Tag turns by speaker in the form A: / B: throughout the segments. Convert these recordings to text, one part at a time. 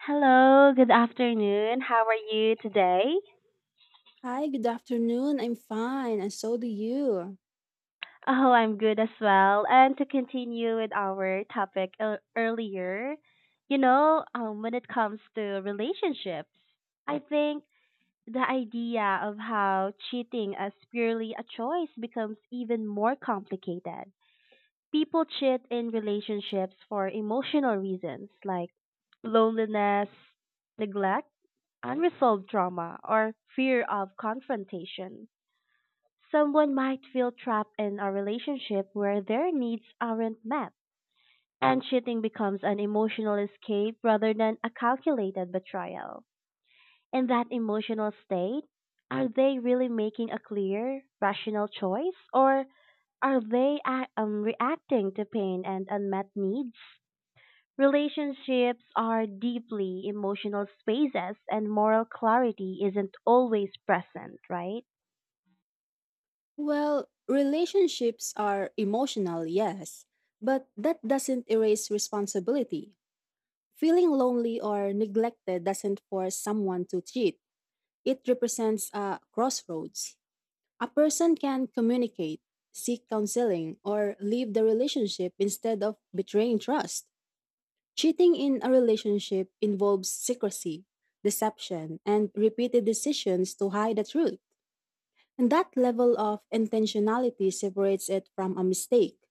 A: Hello, good afternoon. How are you today?
B: Hi, good afternoon. I'm fine, and so do you.
A: Oh, I'm good as well. And to continue with our topic earlier, when it comes to relationships, I think the idea of how cheating as purely a choice becomes even more complicated. People cheat in relationships for emotional reasons like loneliness, neglect, unresolved trauma, or fear of confrontation. Someone might feel trapped in a relationship where their needs aren't met, and cheating becomes an emotional escape rather than a calculated betrayal. In that emotional state, are they really making a clear, rational choice, or are they reacting to pain and unmet needs? Relationships are deeply emotional spaces, and moral clarity isn't always present, right?
B: Well, relationships are emotional, yes, but that doesn't erase responsibility. Feeling lonely or neglected doesn't force someone to cheat, it represents a crossroads. A person can communicate, seek counseling, or leave the relationship instead of betraying trust. Cheating in a relationship involves secrecy, deception, and repeated decisions to hide the truth. And that level of intentionality separates it from a mistake.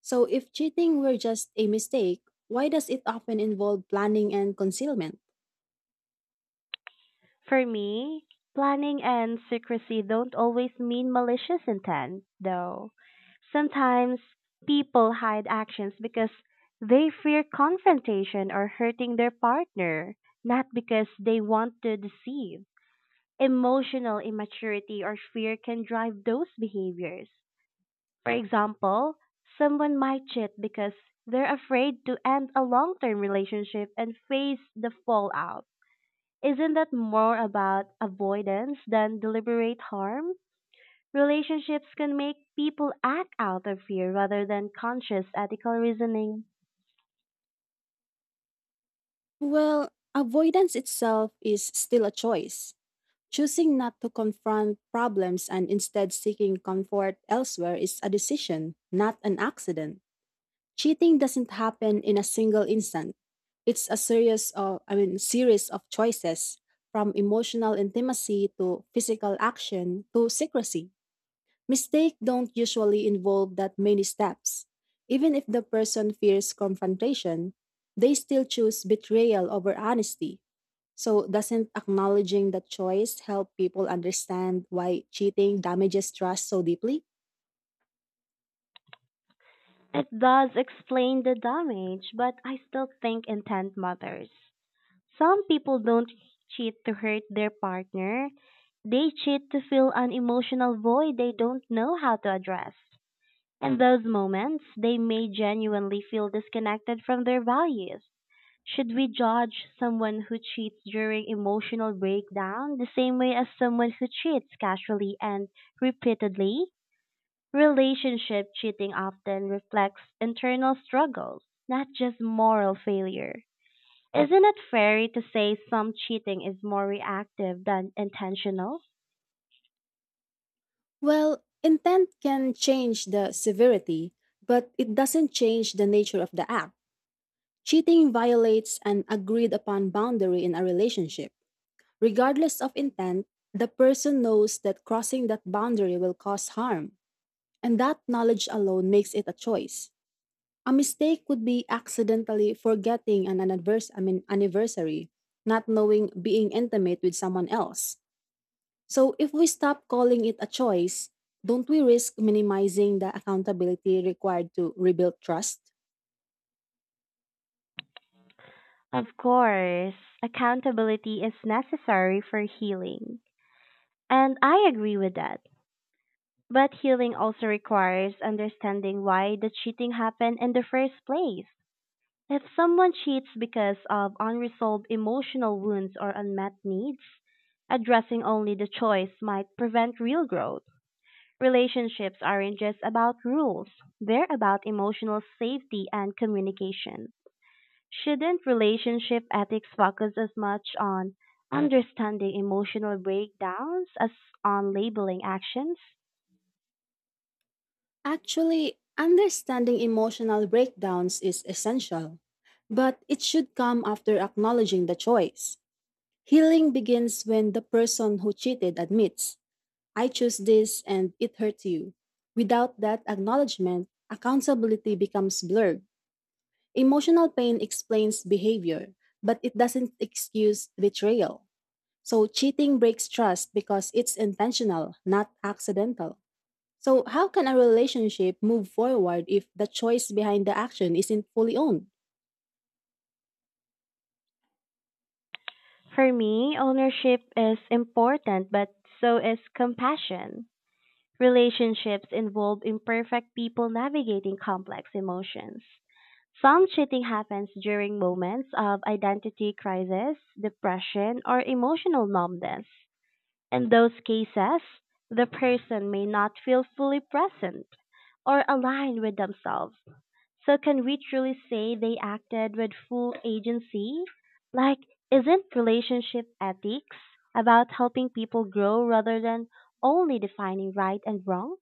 B: So if cheating were just a mistake, why does it often involve planning and concealment?
A: For me, planning and secrecy don't always mean malicious intent, though. Sometimes people hide actions because they fear confrontation or hurting their partner, not because they want to deceive. Emotional immaturity or fear can drive those behaviors. For example, someone might cheat because they're afraid to end a long term relationship and face the fallout. Isn't that more about avoidance than deliberate harm? Relationships can make people act out of fear rather than conscious ethical reasoning.
B: Well, avoidance itself is still a choice. Choosing not to confront problems and instead seeking comfort elsewhere is a decision, not an accident. Cheating doesn't happen in a single instant. It's a series of choices from emotional intimacy to physical action to secrecy. Mistakes don't usually involve that many steps. Even if the person fears confrontation, they still choose betrayal over honesty. So doesn't acknowledging that choice help people understand why cheating damages trust so deeply?
A: It does explain the damage, but I still think intent matters. Some people don't cheat to hurt their partner, they cheat to fill an emotional void they don't know how to address. In those moments, they may genuinely feel disconnected from their values. Should we judge someone who cheats during emotional breakdown the same way as someone who cheats casually and repeatedly? Relationship cheating often reflects internal struggles, not just moral failure. Isn't it fair to say some cheating is more reactive than intentional?
B: Well, intent can change the severity, but it doesn't change the nature of the act. Cheating violates an agreed upon boundary in a relationship. Regardless of intent, the person knows that crossing that boundary will cause harm, and that knowledge alone makes it a choice. A mistake would be accidentally forgetting an anniversary, not knowing being intimate with someone else. So if we stop calling it a choice, don't we risk minimizing the accountability required to rebuild trust?
A: Of course, accountability is necessary for healing. And I agree with that. But healing also requires understanding why the cheating happened in the first place. If someone cheats because of unresolved emotional wounds or unmet needs, addressing only the choice might prevent real growth. Relationships aren't just about rules, they're about emotional safety and communication. Shouldn't relationship ethics focus as much on understanding emotional breakdowns as on labeling actions?
B: Actually, understanding emotional breakdowns is essential, but it should come after acknowledging the choice. Healing begins when the person who cheated admits, I choose this and it hurt you. Without that acknowledgement, accountability becomes blurred. Emotional pain explains behavior, but it doesn't excuse betrayal. So cheating breaks trust because it's intentional, not accidental. So how can a relationship move forward if the choice behind the action isn't fully owned?
A: For me, ownership is important, but so is compassion. Relationships involve imperfect people navigating complex emotions. Some cheating happens during moments of identity crisis, depression, or emotional numbness. In those cases, the person may not feel fully present or aligned with themselves. So can we truly say they acted with full agency? Like, isn't relationship ethics about helping people grow rather than only defining right and wrong?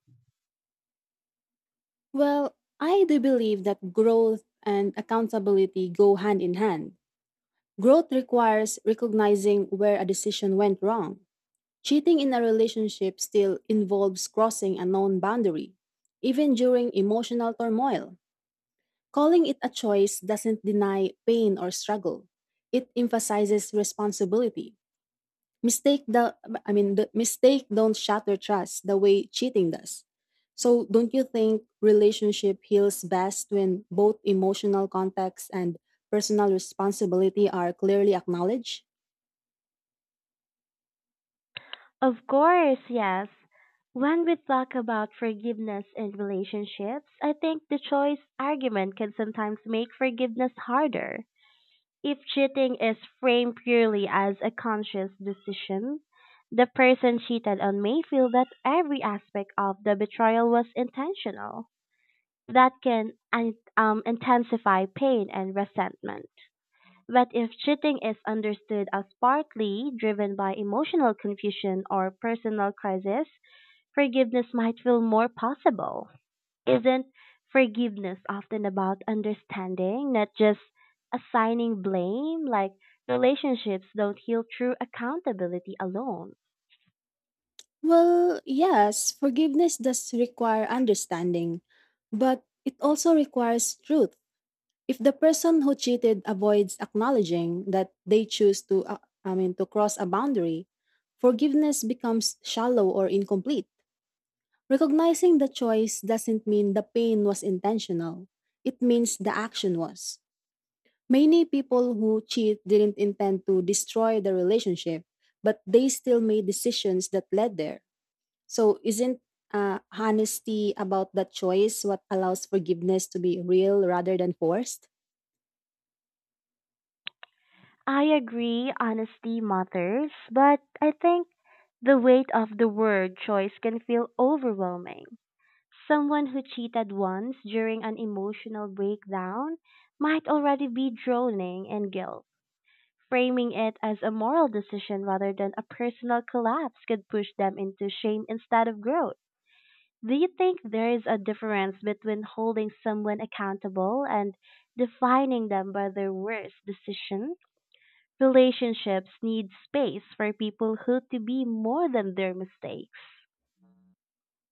B: Well, I do believe that growth and accountability go hand in hand. Growth requires recognizing where a decision went wrong. Cheating in a relationship still involves crossing a known boundary, even during emotional turmoil. Calling it a choice doesn't deny pain or struggle. It emphasizes responsibility. Mistake the I mean the mistake don't shatter trust the way cheating does. So don't you think relationship heals best when both emotional context and personal responsibility are clearly acknowledged?
A: Of course, yes. When we talk about forgiveness in relationships, I think the choice argument can sometimes make forgiveness harder. If cheating is framed purely as a conscious decision, the person cheated on may feel that every aspect of the betrayal was intentional. That can intensify pain and resentment. But if cheating is understood as partly driven by emotional confusion or personal crisis, forgiveness might feel more possible. Isn't forgiveness often about understanding, not just assigning blame? Like, relationships don't heal through accountability alone.
B: Well, yes, forgiveness does require understanding, but it also requires truth. If the person who cheated avoids acknowledging that they choose to I mean to cross a boundary, forgiveness becomes shallow or incomplete. Recognizing the choice doesn't mean the pain was intentional. It means the action was. Many people who cheat didn't intend to destroy the relationship, but they still made decisions that led there. So isn't honesty about that choice what allows forgiveness to be real rather than forced?
A: I agree, honesty matters, but I think the weight of the word choice can feel overwhelming. Someone who cheated once during an emotional breakdown might already be drowning in guilt. Framing it as a moral decision rather than a personal collapse could push them into shame instead of growth. Do you think there is a difference between holding someone accountable and defining them by their worst decision? Relationships need space for people who to be more than their mistakes.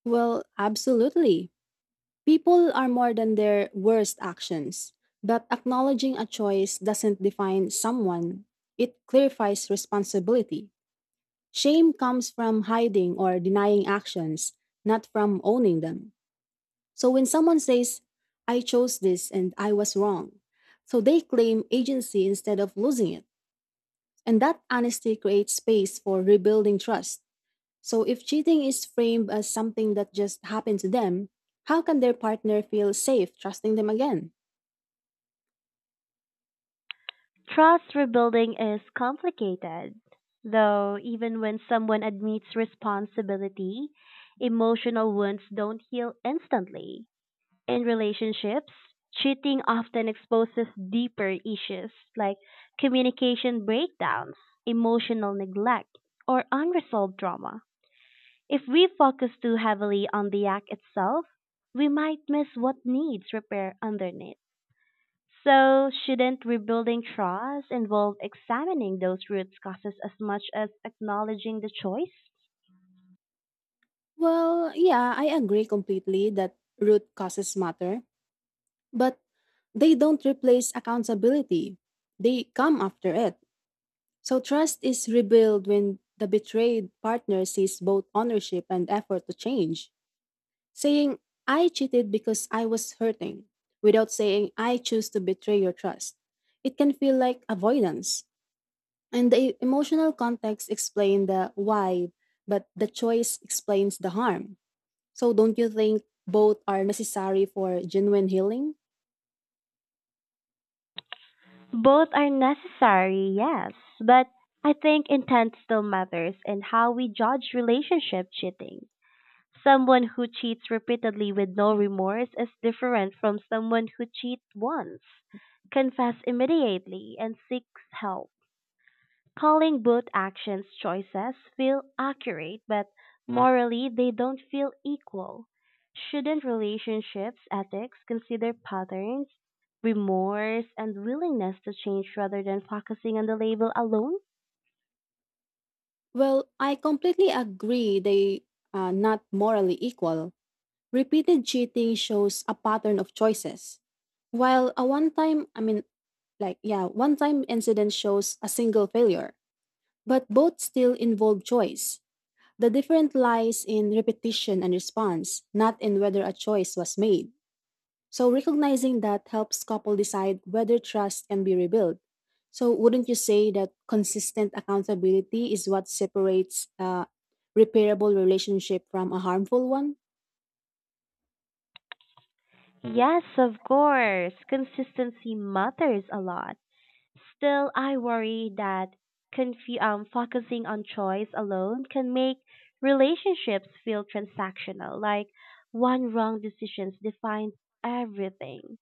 B: Well, absolutely. People are more than their worst actions, but acknowledging a choice doesn't define someone. It clarifies responsibility. Shame comes from hiding or denying actions, not from owning them. So when someone says, I chose this and I was wrong, so they claim agency instead of losing it. And that honesty creates space for rebuilding trust. So, if cheating is framed as something that just happened to them, how can their partner feel safe trusting them again?
A: Trust rebuilding is complicated, though, even when someone admits responsibility, emotional wounds don't heal instantly. In relationships, cheating often exposes deeper issues like communication breakdowns, emotional neglect, or unresolved trauma. If we focus too heavily on the act itself, we might miss what needs repair underneath. So, shouldn't rebuilding trust involve examining those root causes as much as acknowledging the choice?
B: Well, yeah, I agree completely that root causes matter, but they don't replace accountability. They come after it. So, trust is rebuilt when the betrayed partner sees both ownership and effort to change, saying, I cheated because I was hurting, without saying, I choose to betray your trust. It can feel like avoidance. And the emotional context explains the why, but the choice explains the harm. So don't you think both are necessary for genuine healing?
A: Both are necessary, yes, but I think intent still matters in how we judge relationship cheating. Someone who cheats repeatedly with no remorse is different from someone who cheats once, confess immediately, and seeks help. Calling both actions choices feel accurate, but morally they don't feel equal. Shouldn't relationships ethics consider patterns, remorse, and willingness to change rather than focusing on the label alone?
B: Well, I completely agree they are not morally equal. Repeated cheating shows a pattern of choices. While a one time, I mean, like, yeah, one time incident shows a single failure, but both still involve choice. The difference lies in repetition and response, not in whether a choice was made. So recognizing that helps couple decide whether trust can be rebuilt. So wouldn't you say that consistent accountability is what separates a repairable relationship from a harmful one?
A: Yes, of course. Consistency matters a lot. Still, I worry that focusing on choice alone can make relationships feel transactional, like one wrong decision defines everything.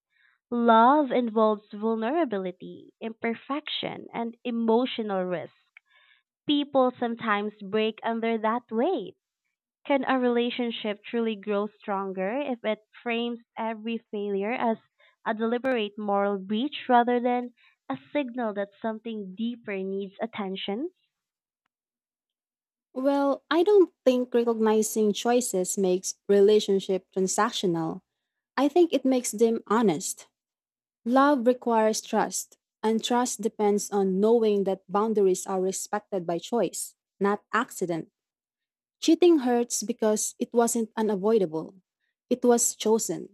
A: Love involves vulnerability, imperfection, and emotional risk. People sometimes break under that weight. Can a relationship truly grow stronger if it frames every failure as a deliberate moral breach rather than a signal that something deeper needs attention?
B: Well, I don't think recognizing choices makes relationship transactional. I think it makes them honest. Love requires trust, and trust depends on knowing that boundaries are respected by choice, not accident. Cheating hurts because it wasn't unavoidable. It was chosen.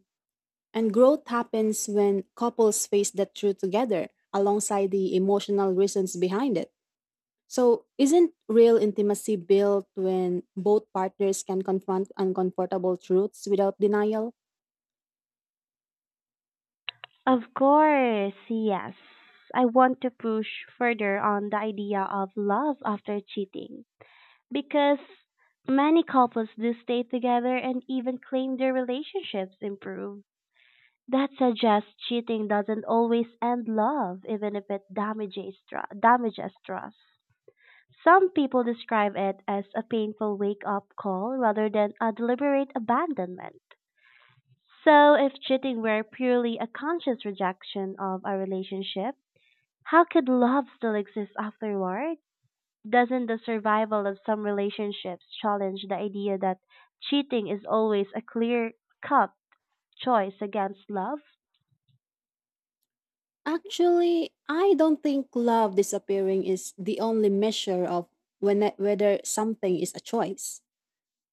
B: And growth happens when couples face that truth together alongside the emotional reasons behind it. So, isn't real intimacy built when both partners can confront uncomfortable truths without denial?
A: Of course, yes. I want to push further on the idea of love after cheating because many couples do stay together and even claim their relationships improve. That suggests cheating doesn't always end love, even if it damages trust. Some people describe it as a painful wake up call rather than a deliberate abandonment. So, if cheating were purely a conscious rejection of a relationship, how could love still exist afterward? Doesn't the survival of some relationships challenge the idea that cheating is always a clear cut choice against love?
B: Actually, I don't think love disappearing is the only measure of whether something is a choice.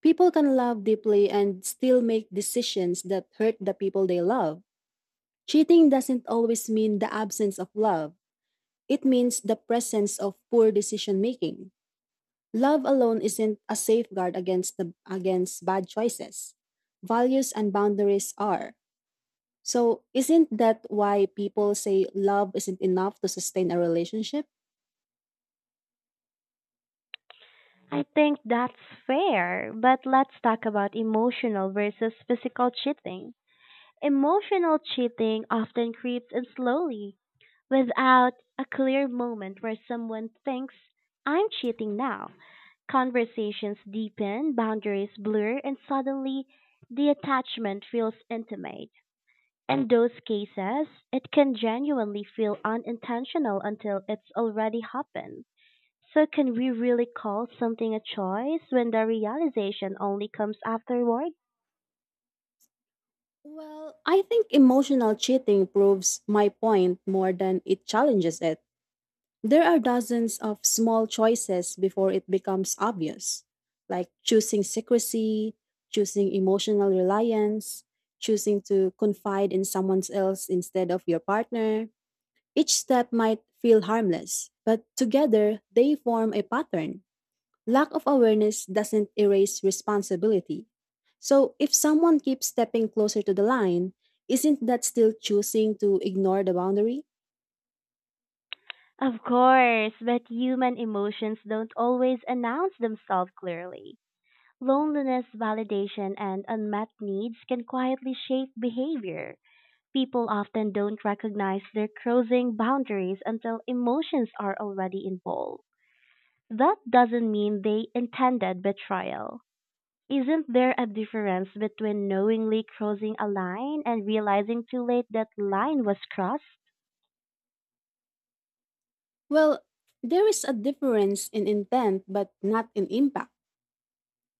B: People can love deeply and still make decisions that hurt the people they love. Cheating doesn't always mean the absence of love, it means the presence of poor decision making. Love alone isn't a safeguard against bad choices. Values and boundaries are. So, isn't that why people say love isn't enough to sustain a relationship?
A: I think that's fair, but let's talk about emotional versus physical cheating. Emotional cheating often creeps in slowly, without a clear moment where someone thinks, I'm cheating now. Conversations deepen, boundaries blur, and suddenly the attachment feels intimate. In those cases, it can genuinely feel unintentional until it's already happened. So can we really call something a choice when the realization only comes afterward?
B: Well, I think emotional cheating proves my point more than it challenges it. There are dozens of small choices before it becomes obvious, like choosing secrecy, choosing emotional reliance, choosing to confide in someone else instead of your partner. Each step might feel harmless, but together they form a pattern. Lack of awareness doesn't erase responsibility. So, if someone keeps stepping closer to the line, isn't that still choosing to ignore the boundary?
A: Of course, but human emotions don't always announce themselves clearly. Loneliness, validation, and unmet needs can quietly shape behavior. People often don't recognize their are crossing boundaries until emotions are already involved. That doesn't mean they intended betrayal. Isn't there a difference between knowingly crossing a line and realizing too late that line was crossed?
B: Well, there is a difference in intent, but not in impact.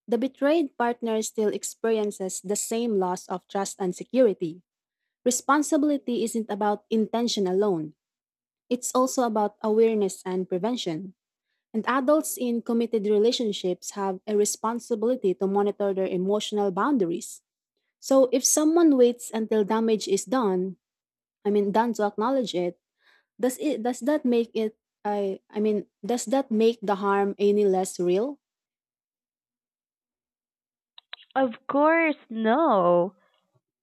B: The betrayed partner still experiences the same loss of trust and security. Responsibility isn't about intention alone, it's also about awareness and prevention. And adults in committed relationships have a responsibility to monitor their emotional boundaries. So if someone waits until damage is done to acknowledge it does that make it I mean, does that make the harm any less real?
A: Of course, no.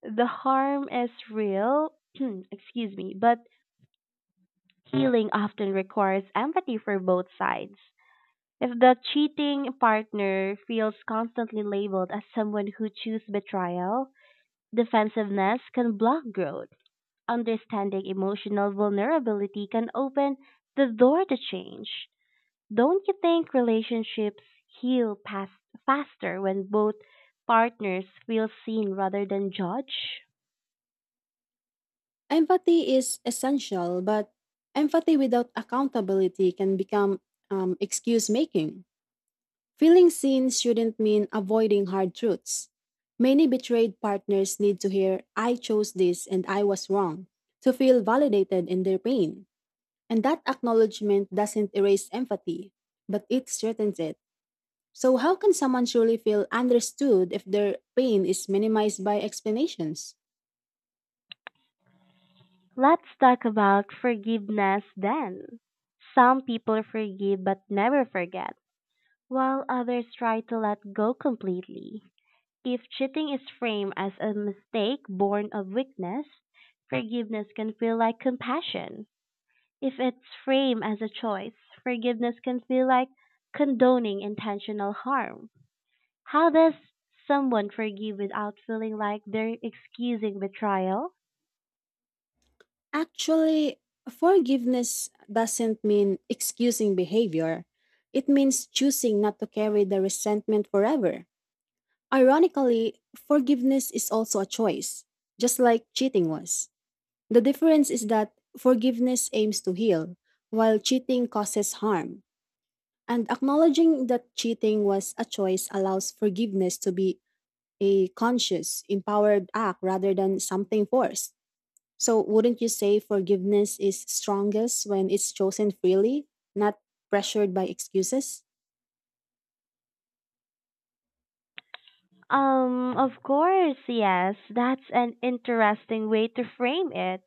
A: The harm is real, excuse me, but healing often requires empathy for both sides. If the cheating partner feels constantly labeled as someone who chooses betrayal, defensiveness can block growth. Understanding emotional vulnerability can open the door to change. Don't you think relationships heal past, faster when both partners feel seen rather than judged?
B: Empathy is essential, but empathy without accountability can become excuse making. Feeling seen shouldn't mean avoiding hard truths. Many betrayed partners need to hear, I chose this and I was wrong, to feel validated in their pain. And that acknowledgement doesn't erase empathy, but it strengthens it. So, how can someone truly feel understood if their pain is minimized by explanations?
A: Let's talk about forgiveness then. Some people forgive but never forget, while others try to let go completely. If cheating is framed as a mistake born of weakness, forgiveness can feel like compassion. If it's framed as a choice, forgiveness can feel like condoning intentional harm. How does someone forgive without feeling like they're excusing betrayal?
B: Actually, forgiveness doesn't mean excusing behavior, it means choosing not to carry the resentment forever. Ironically, forgiveness is also a choice, just like cheating was. The difference is that forgiveness aims to heal, while cheating causes harm. And acknowledging that cheating was a choice allows forgiveness to be a conscious, empowered act rather than something forced. So, wouldn't you say forgiveness is strongest when it's chosen freely, not pressured by excuses?
A: Of course, yes, that's an interesting way to frame it.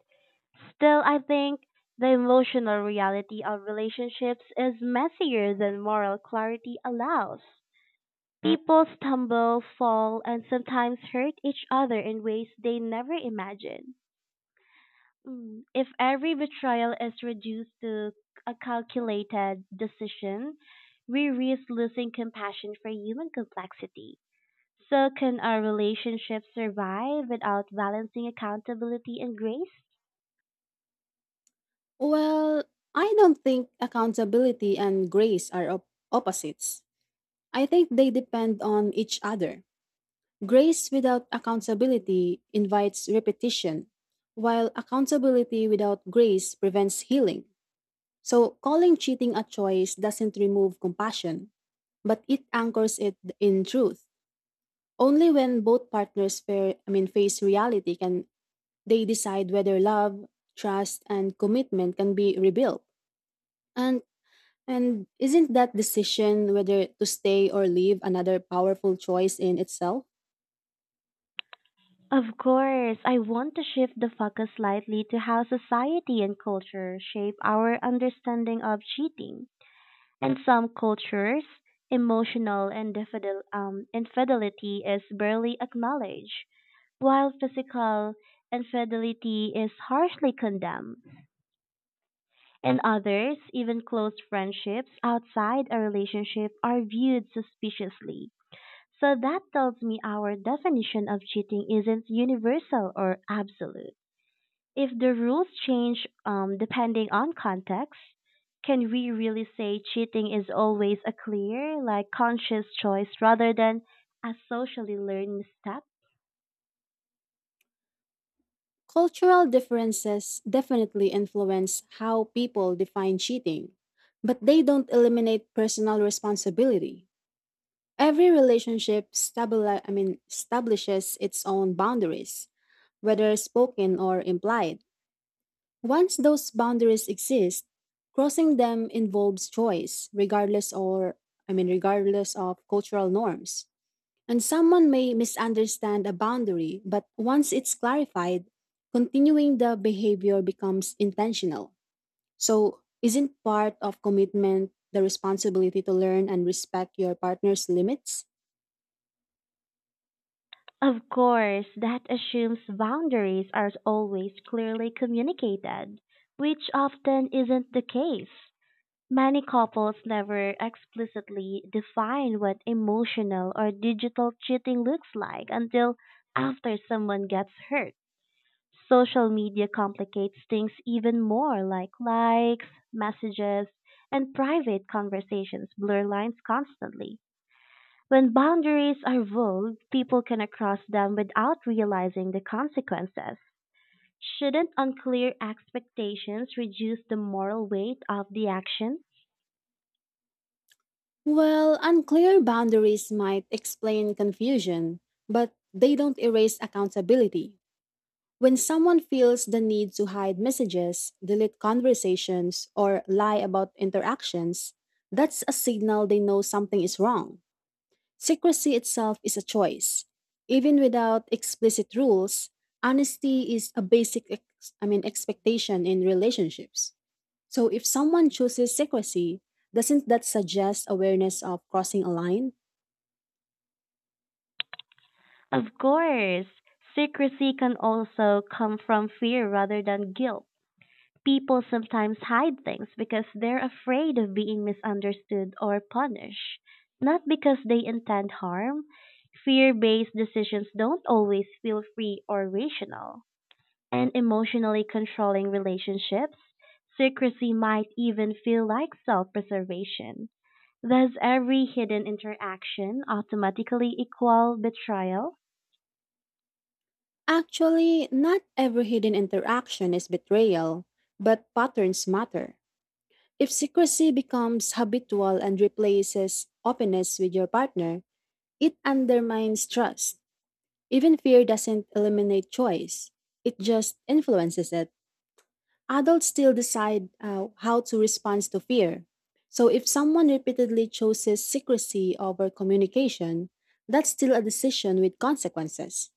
A: Still, I think the emotional reality of relationships is messier than moral clarity allows. People stumble, fall, and sometimes hurt each other in ways they never imagined. Mm. If every betrayal is reduced to a calculated decision, we risk losing compassion for human complexity. So, can our relationships survive without balancing accountability and grace?
B: Well, I don't think accountability and grace are opposites. I think they depend on each other. Grace without accountability invites repetition, while accountability without grace prevents healing. So, calling cheating a choice doesn't remove compassion, but it anchors it in truth. Only when both partners face reality can they decide whether love, trust, and commitment can be rebuilt. And and isn't that decision whether to stay or leave another powerful choice in itself?
A: Of course, I want to shift the focus slightly to how society and culture shape our understanding of cheating. In some cultures, emotional and infidelity is barely acknowledged while physical infidelity is harshly condemned. And others, even close friendships outside a relationship are viewed suspiciously. So that tells me our definition of cheating isn't universal or absolute. If the rules change depending on context, can we really say cheating is always a clear, like conscious choice rather than a socially learned misstep?
B: Cultural differences definitely influence how people define cheating, but they don't eliminate personal responsibility. Every relationship establishes its own boundaries whether spoken or implied. Once those boundaries exist, crossing them involves choice, regardless or I mean regardless of cultural norms. And someone may misunderstand a boundary, but once it's clarified, continuing the behavior becomes intentional. So, isn't part of commitment the responsibility to learn and respect your partner's limits?
A: Of course, that assumes boundaries are always clearly communicated, which often isn't the case. Many couples never explicitly define what emotional or digital cheating looks like until after someone gets hurt. Social media complicates things even more, like likes, messages, and private conversations blur lines constantly. When boundaries are vague, people can cross them without realizing the consequences. Shouldn't unclear expectations reduce the moral weight of the action?
B: Well, unclear boundaries might explain confusion, but they don't erase accountability. When someone feels the need to hide messages, delete conversations, or lie about interactions, that's a signal they know something is wrong. Secrecy itself is a choice. Even without explicit rules, honesty is a basic expectation in relationships. So if someone chooses secrecy, doesn't that suggest awareness of crossing a line?
A: Of course, secrecy can also come from fear rather than guilt. People sometimes hide things because they're afraid of being misunderstood or punished, not because they intend harm. Fear based decisions don't always feel free or rational. And emotionally controlling relationships, secrecy might even feel like self preservation. Does every hidden interaction automatically equal betrayal?
B: Actually, not every hidden interaction is betrayal, but patterns matter. If secrecy becomes habitual and replaces openness with your partner, it undermines trust. Even fear doesn't eliminate choice, it just influences it. Adults still decide how to respond to fear. So, if someone repeatedly chooses secrecy over communication, that's still a decision with consequences.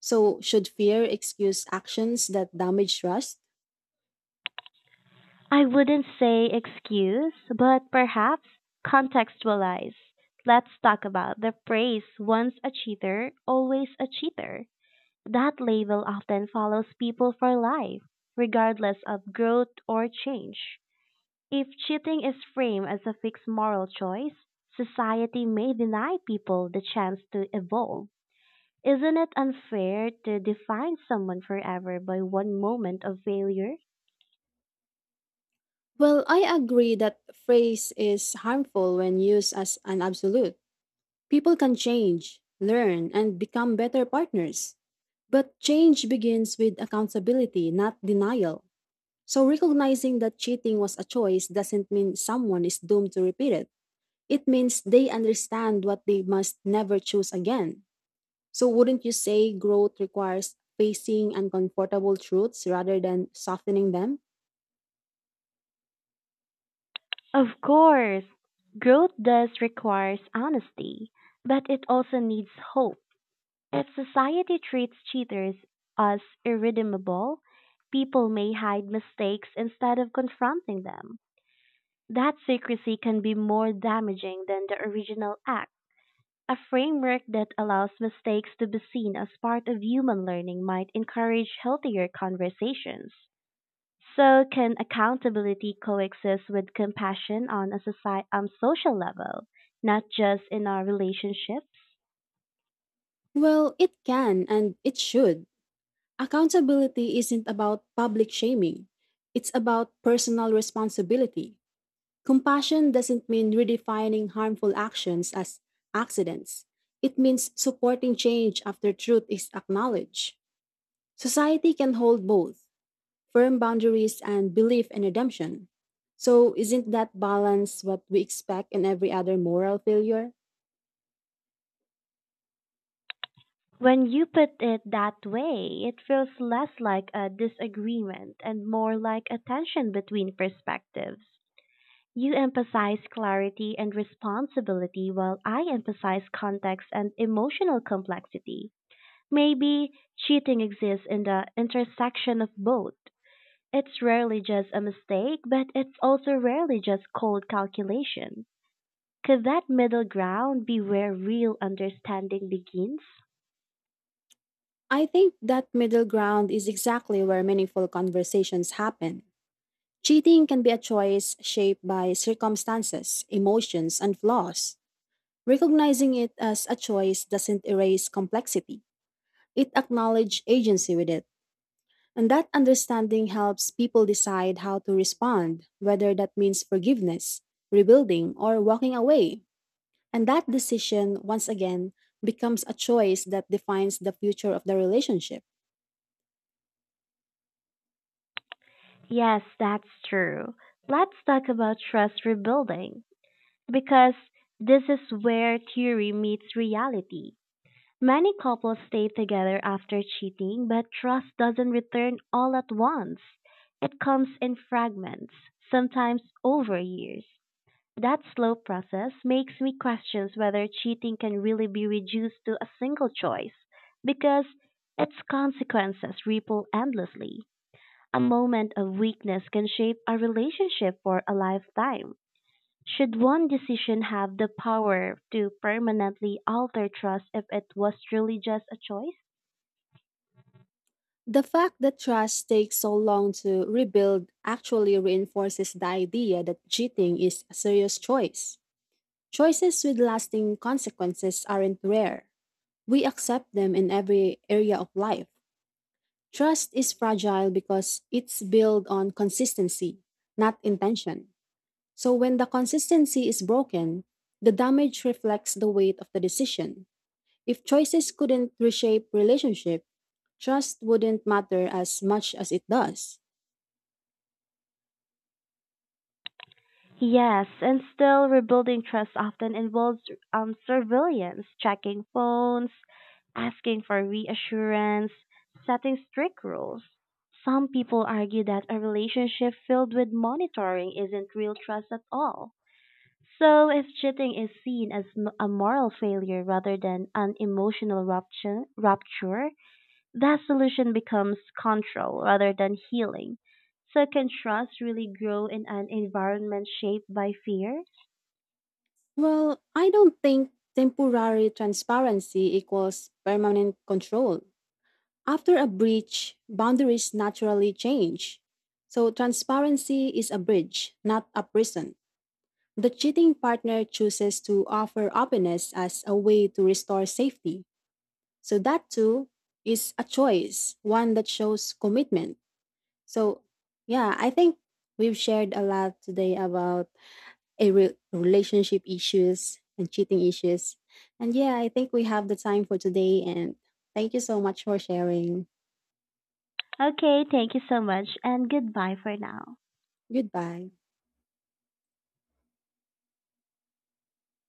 B: So, should fear excuse actions that damage trust?
A: I wouldn't say excuse, but perhaps contextualize. Let's talk about the phrase once a cheater, always a cheater. That label often follows people for life, regardless of growth or change. If cheating is framed as a fixed moral choice, society may deny people the chance to evolve. Isn't it unfair to define someone forever by one moment of failure?
B: Well, I agree that phrase is harmful when used as an absolute. People can change, learn, and become better partners. But change begins with accountability, not denial. So recognizing that cheating was a choice doesn't mean someone is doomed to repeat it. It means they understand what they must never choose again. So wouldn't you say growth requires facing uncomfortable truths rather than softening them?
A: Of course, growth does requires honesty, but it also needs hope. If society treats cheaters as irredeemable, people may hide mistakes instead of confronting them. That secrecy can be more damaging than the original act. A framework that allows mistakes to be seen as part of human learning might encourage healthier conversations. So, can accountability coexist with compassion on a social level, not just in our relationships?
B: Well, it can and it should. Accountability isn't about public shaming. It's about personal responsibility. Compassion doesn't mean redefining harmful actions as accidents. It means supporting change after truth is acknowledged. Society can hold both firm boundaries and belief in redemption. So, isn't that balance what we expect in every other moral failure?
A: When you put it that way, it feels less like a disagreement and more like a tension between perspectives. You emphasize clarity and responsibility while I emphasize context and emotional complexity. Maybe cheating exists in the intersection of both. It's rarely just a mistake, but it's also rarely just cold calculation. Could that middle ground be where real understanding begins?
B: I think that middle ground is exactly where meaningful conversations happen. Cheating can be a choice shaped by circumstances, emotions, and flaws. Recognizing it as a choice doesn't erase complexity. It acknowledges agency with it. And that understanding helps people decide how to respond, whether that means forgiveness, rebuilding, or walking away. And that decision, once again, becomes a choice that defines the future of the relationship.
A: Yes, that's true. Let's talk about trust rebuilding because this is where theory meets reality. Many couples stay together after cheating, but trust doesn't return all at once. It comes in fragments, sometimes over years. That slow process makes me question whether cheating can really be reduced to a single choice because its consequences ripple endlessly. A moment of weakness can shape a relationship for a lifetime. Should one decision have the power to permanently alter trust if it was truly just a choice?
B: The fact that trust takes so long to rebuild actually reinforces the idea that cheating is a serious choice. Choices with lasting consequences aren't rare. We accept them in every area of life. Trust is fragile because it's built on consistency, not intention. So when the consistency is broken, the damage reflects the weight of the decision. If choices couldn't reshape relationship, trust wouldn't matter as much as it does.
A: Yes, and still rebuilding trust often involves surveillance, checking phones, asking for reassurance, setting strict rules. Some people argue that a relationship filled with monitoring isn't real trust at all. So, if cheating is seen as a moral failure rather than an emotional rupture, that solution becomes control rather than healing. So can trust really grow in an environment shaped by fear?
B: Well, I don't think temporary transparency equals permanent control. After a breach, boundaries naturally change. So, transparency is a bridge, not a prison. The cheating partner chooses to offer openness as a way to restore safety. So, that too is a choice, one that shows commitment. So, yeah, I think we've shared a lot today about a relationship issues and cheating issues. And yeah, I think we have the time for today. And thank you so much for sharing.
A: Okay, thank you so much and goodbye for now.
B: Goodbye.